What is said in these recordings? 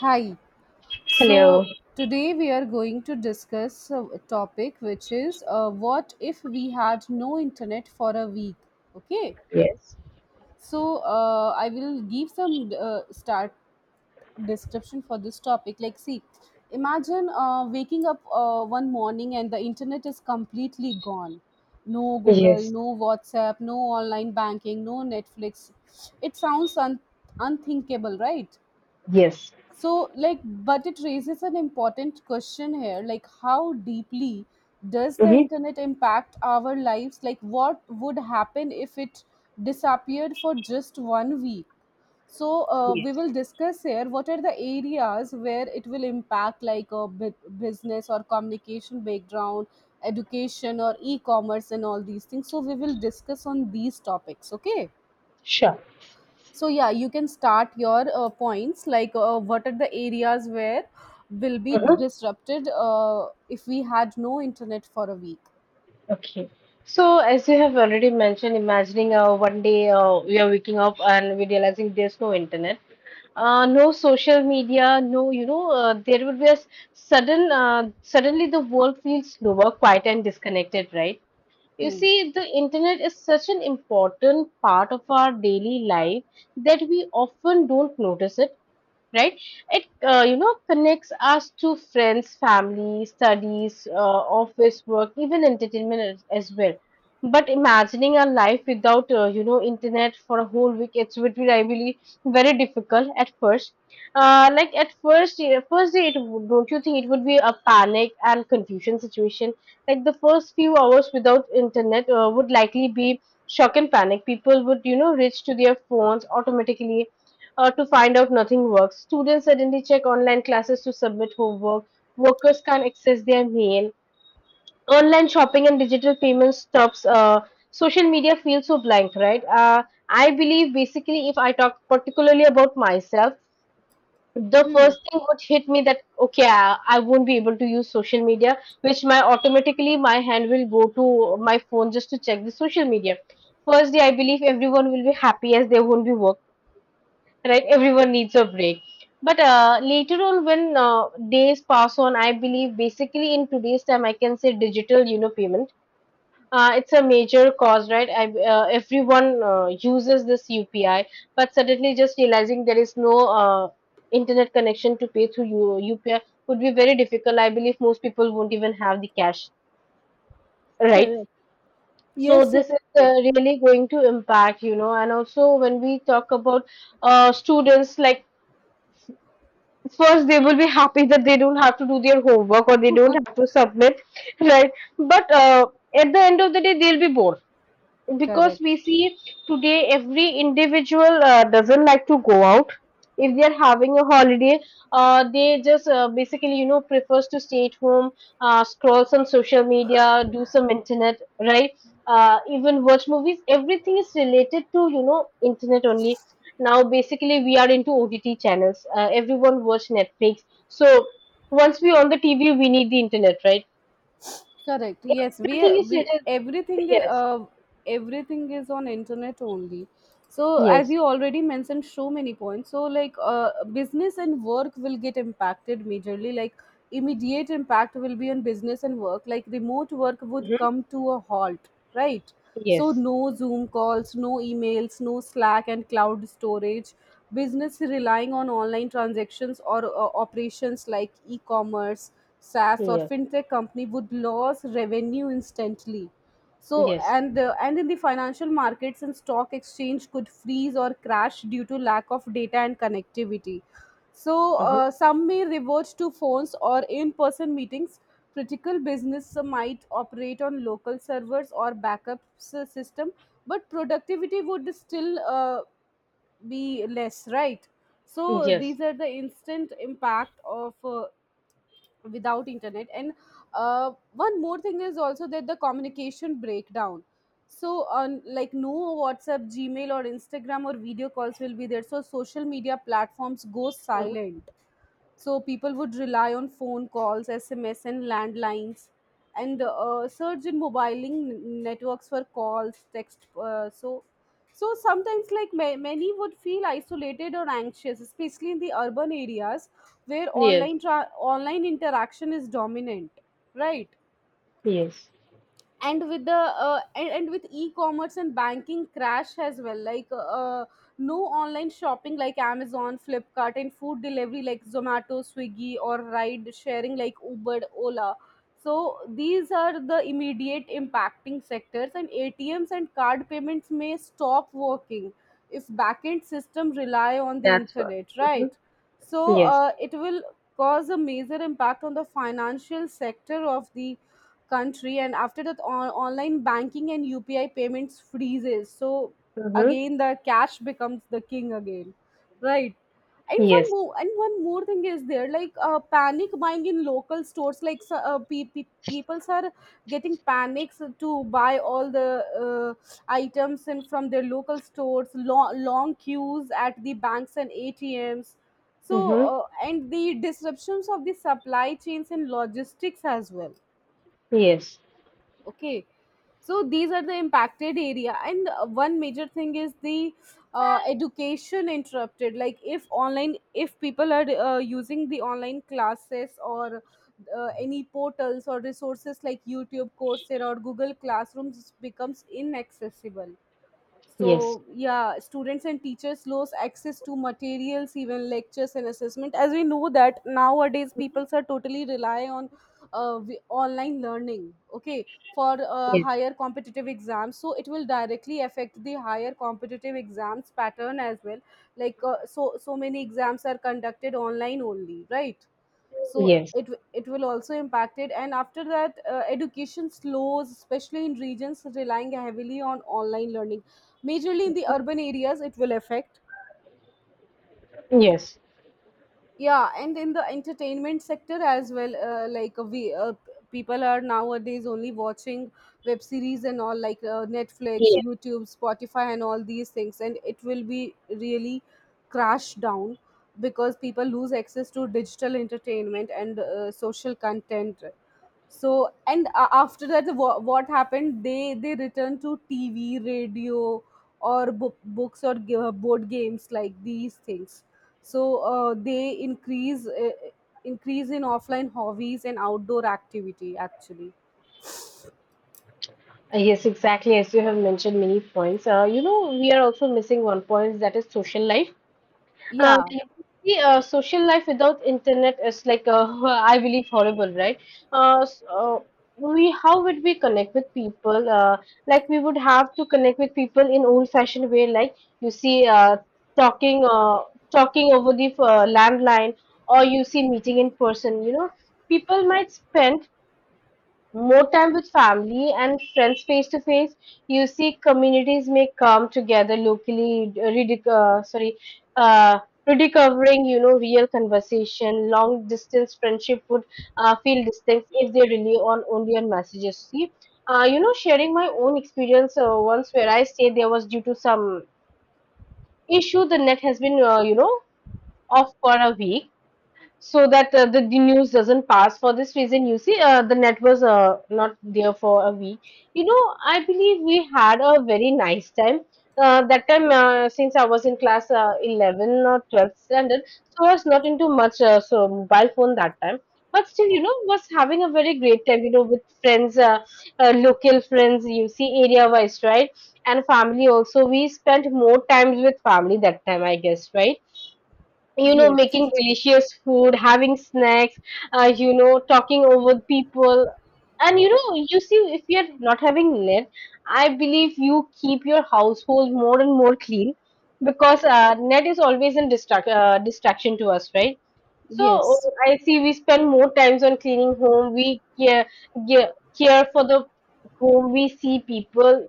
Hi. Hello. So today we are going to discuss a topic which is what if we had no internet for a week. Okay. Yes. So I will give some start description for this topic. Like, see, imagine waking up one morning and the internet is completely gone. No Google, Yes. no WhatsApp, no online banking, no Netflix. It sounds unthinkable, right? Yes. So, like, but it raises an important question here, like, how deeply does the Hmm. internet impact our lives? Like, what would happen if it disappeared for just one week? So, we Yes. will discuss here what are the areas where it will impact, like a business or communication background, education, or e commerce, and all these things. So, we will discuss on these topics, okay? Sure. So yeah, you can start your points, like, what are the areas where will be disrupted if we had no internet for a week. Okay. So, as you have already mentioned, imagining one day we are waking up and we realizing there's no internet, no social media, no, there would be suddenly the world feels slower, quiet, and disconnected, right? You Hmm. see, the internet is such an important part of our daily life that we often don't notice it, right? It connects us to friends, family, studies, office work, even entertainment as well. But imagining our life without internet for a whole week, it would be, I believe, very difficult at first. Like at first, yeah, first day, don't you think it would be a panic and confusion situation? Like the first few hours without internet would likely be shock and panic. People would reach to their phones automatically to find out nothing works. Students suddenly check online classes to submit homework. Workers can't access their mail. Online shopping and digital payments stops. Social media feels so blank, right? I believe basically, if I talk particularly about myself, the Hmm. first thing would hit me that okay, I won't be able to use social media, which my automatically my hand will go to my phone just to check the social media. First day, I believe everyone will be happy as they won't be working, right? Everyone needs a break. But later on, when days pass on, I believe basically in today's time, I can say digital, payment. It's a major cause, right? Everyone uses this UPI, but suddenly just realizing there is no internet connection to pay through UPI would be very difficult. I believe most people won't even have the cash, right? Correct. So Yes, yes. this is really going to impact, and also when we talk about students, like first they will be happy that they don't have to do their homework or they don't Correct. have to submit, right? But at the end of the day they'll be bored, because we Correct. see today every individual doesn't like to go out. If they're having a holiday, they just basically prefers to stay at home, scroll some social media, do some internet, right? Even watch movies, everything is related to internet only. Now basically we are into OTT channels, everyone watch Netflix. So once we on the TV we need the internet, right? Correct. Yes, we Everything is we related. everything Yes. uh, everything is on internet only. So, as Yes. you already mentioned so many points, so, like, business and work will get impacted majorly, like, immediate impact will be on business and work, like remote work would Mhm. come to a halt, right? So Yes. no Zoom calls, no emails, no Slack and cloud storage. Business relying on online transactions or operations like e-commerce, SaaS or Yeah. fintech company would lose revenue instantly. So, Yes. and in the financial markets and stock exchange could freeze or crash due to lack of data and connectivity. So Mm-hmm. Some may revert to phones or in-person meetings. Critical business might operate on local servers or backup system, but productivity would still be less, right? So Yes. these are the instant impact of without internet. And one more thing is also that the communication breakdown, so on, like no WhatsApp, Gmail or Instagram or video calls will be there, so social media platforms go silent. So people would rely on phone calls, SMS and landlines, and surge in mobiling networks for calls, text, so sometimes, like, many would feel isolated or anxious, especially in the urban areas where Yes. Online interaction is dominant, right? Yes. And with e-commerce and banking crash as well, like, no online shopping like Amazon, Flipkart and food delivery like Zomato, Swiggy or ride sharing like Uber, Ola. So these are the immediate impacting sectors, and ATMs and card payments may stop working if backend system rely on the That's what. internet, right? Mm-hmm. So Yes. It will cause a major impact on the financial sector of the country, and after that online banking and UPI payments freezes. So Mm-hmm. again the cash becomes the king again, right? And Yes. One more thing is there, like panic buying in local stores, like peoples are getting panics to buy all the uh, items in from their local stores, long, long queues at the banks and ATMs. So, Mm-hmm. And the disruptions of the supply chains and logistics as well, Yes. okay. So these are the impacted area, and one major thing is the education interrupted, like if online if people are using the online classes or any portals or resources like YouTube, Coursera or Google Classrooms becomes inaccessible. Yes. So yeah, students and teachers lose access to materials, even lectures and assessment, as we know that nowadays people are totally rely on online learning, okay, for Yes. higher competitive exams. So it will directly affect the higher competitive exams pattern as well, like, so many exams are conducted online only, right? So Yes. it will also impact it. And after that, education slows, especially in regions relying heavily on online learning, majorly in the urban areas it will affect. Yes. Yes. Yeah, and in the entertainment sector as well, like, we, people are nowadays only watching web series and all, like Netflix, YouTube, Spotify and all these things, and it will be really crashed down because people lose access to digital entertainment and social content. So, and after that, what happened, they returned to TV, radio or books or board games, like these things. So they increase in offline hobbies and outdoor activity, actually. Yes. Exactly. As you have mentioned many points. We are also missing one point, that is social life. Um, Yeah. see, social life without internet is like I believe horrible, right? So, we how would we connect with people? Like we would have to connect with people in old-fashioned way, like you see, talking, uh, talking over the landline, or you see meeting in person. People might spend more time with family and friends face to face. You see, communities may come together locally, uh, rediscovering real conversation. Long distance friendship would feel distant if they rely on only on messages. See, sharing my own experience once, where I stayed there was due to some issue, the net has been off for a week, so that the news doesn't pass. For this reason, you see, the net was not there for a week. I believe we had a very nice time. That time, since I was in class 11 or 12th standard, so I was not into much so mobile phone that time. But still, was having a very great time, with friends, local friends, you see, area wise, right? And family also. We spent more time with family that time, I guess, right? Making Yes, delicious food, having snacks, talking over people. And you see, if you're not having net, I believe you keep your household more and more clean, because net is always in distraction to us, right? So yes. I see we spend more times on cleaning home. We care, care for the home. We see people.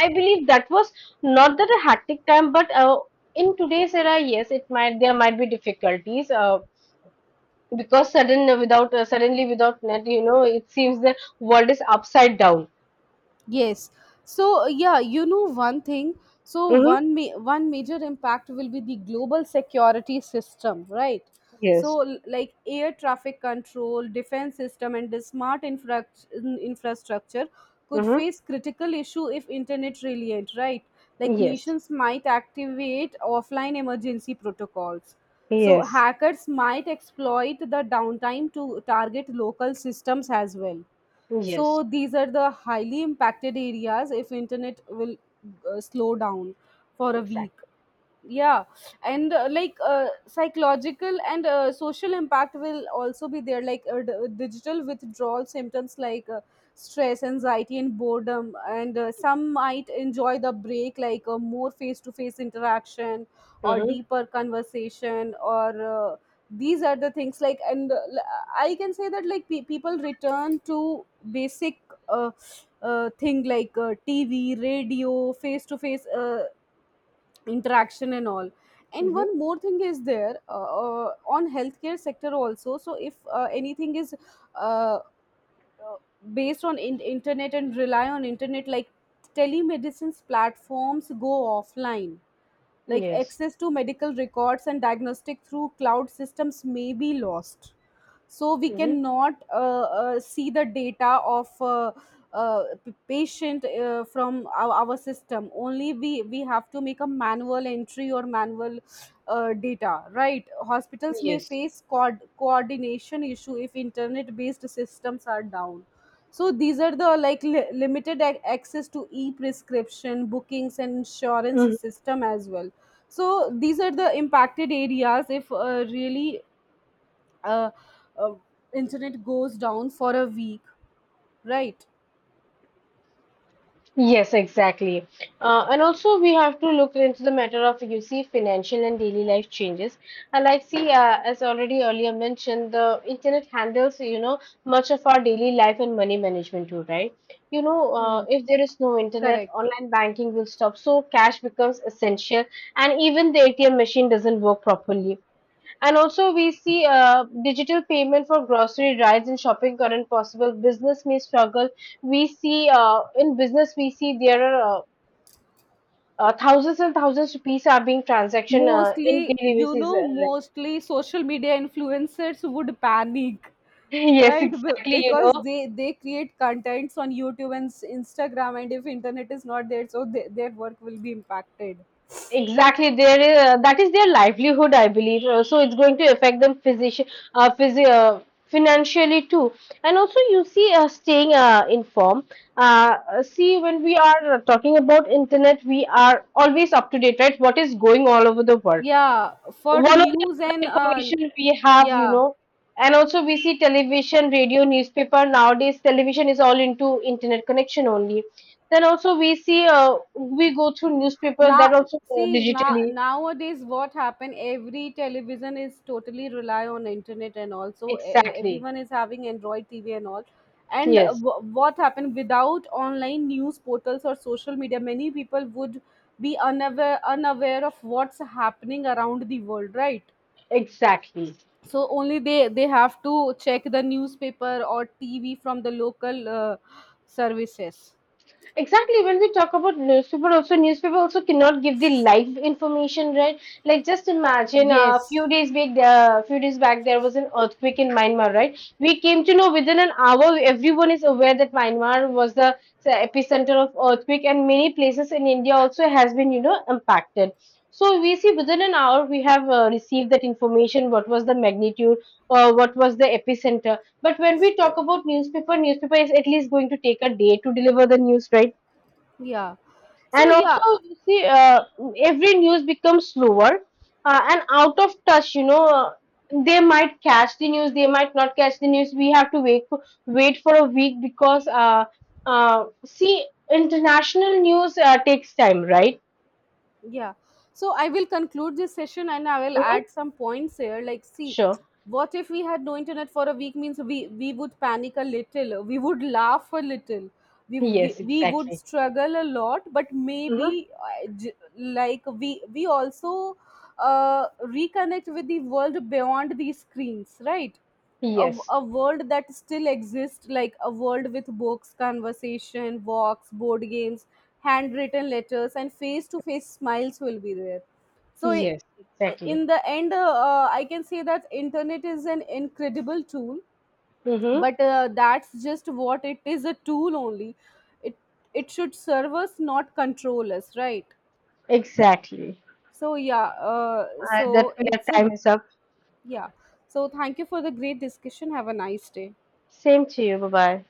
I believe that was not that a hectic time, but in today's era, yes, it might there might be difficulties, because suddenly without net, it seems the world is upside down. Yes. So yeah, you know one thing. So Mm-hmm. one one major impact will be the global security system, right? So, Yes. Like air traffic control, defense system, and the smart infrastructure could Mm-hmm. face critical issue if internet reliant, right? Like Yes. nations might activate offline emergency protocols. So Yes. hackers might exploit the downtime to target local systems as well. Yes. So these are the highly impacted areas if internet will slow down for a week. Exactly. Yeah. And, like, psychological and social impact will also be there, like digital withdrawal symptoms, like stress, anxiety and boredom. And some might enjoy the break, like more face to face interaction or Mm-hmm. deeper conversation, or these are the things, like. And I can say that, like, people return to basic uh, thing, like TV, radio, face to face interaction and all. And one more thing is there, on healthcare sector also. So if anything is uh, uh, based on internet and rely on internet, like telemedicines platforms go offline, Mm-hmm. like Yes. access to medical records and diagnostic through cloud systems may be lost. So we Mm-hmm. cannot see the data of patient, from our system only, we have to make a manual entry or manual data, right? Hospitals may Yes. face coordination issue if internet based systems are down. So these are the, like, limited access to e prescription bookings and insurance system as well. So these are the impacted areas if, really, uh, uh, internet goes down for a week, right? Yes, exactly. And also, we have to look into the matter of, you see, financial and daily life changes. And like see, as already earlier mentioned, the internet handles much of our daily life and money management too, right? You know, uh, Hmm. if there is no internet, Correct. online banking will stop, so cash becomes essential, and even the ATM machine doesn't work properly. And also, we see digital payment for grocery, rides, and shopping current possible. Business may struggle. We see in business, we see there are thousands and thousands of rupees are being transaction in Mostly, daily basis, right. Social media influencers would panic, Yes, right? Exactly. Because they create contents on YouTube and Instagram, and if internet is not there, so their work will be impacted. Exactly, that is their livelihood, I believe. So it's going to affect them uh, physi- uh, financially too. And also, you see, staying informed. See, when we are talking about internet, we are always up to date, right? What is going all over the world? Yeah, for the One of the news other and information we have, you yeah. know, And also we see television, radio, newspaper. Nowadays, television is all into internet connection only. Then also we see, we go through newspaper, Now, that also see, digitally. nowadays what happen? Every television is totally rely on internet, and also Exactly. everyone is having Android TV and all. And Yes, what happened without online news portals or social media? Many people would be unaware of what's happening around the world, right? exactly. So only they have to check the newspaper or TV from the local services. Exactly. When we talk about newspaper also cannot give the live information, right? Like just imagine a Yes. Few days back there was an earthquake in Myanmar, right? We came to know within an hour, everyone is aware that Myanmar was the epicenter of earthquake, and many places in India also has been, impacted. So we see within an hour we have received that information. What was the magnitude? Or what was the epicenter? But when we talk about newspaper, newspaper is at least going to take a day to deliver the news, right? Yeah. And So also, yeah. you see, every news becomes slower and out of touch. They might catch the news, they might not catch the news. We have to wait for a week, because, see, international news takes time, right? Yeah. So I will conclude this session and I will add Hmm. some points here. Like, see, Sure. what if we had no internet for a week means we would panic a little, we would laugh a little, we, we, Yes, we would exactly. struggle a lot. But Hmm. maybe, like, we also reconnect with the world beyond these screens, right? a, Yes. a world that still exists, like a world with books, conversation, walks, board games, handwritten letters and face to face smiles will be there. So Yes, exactly. in the end, I can say that internet is an incredible tool. Mm-hmm. But that's just what it is, a tool only. It it should serve us, not control us, right? Exactly. So yeah, uh, That so way our it's a, time is up. yeah. So, thank you for the great discussion. Have a nice day. Same to you. Bye bye.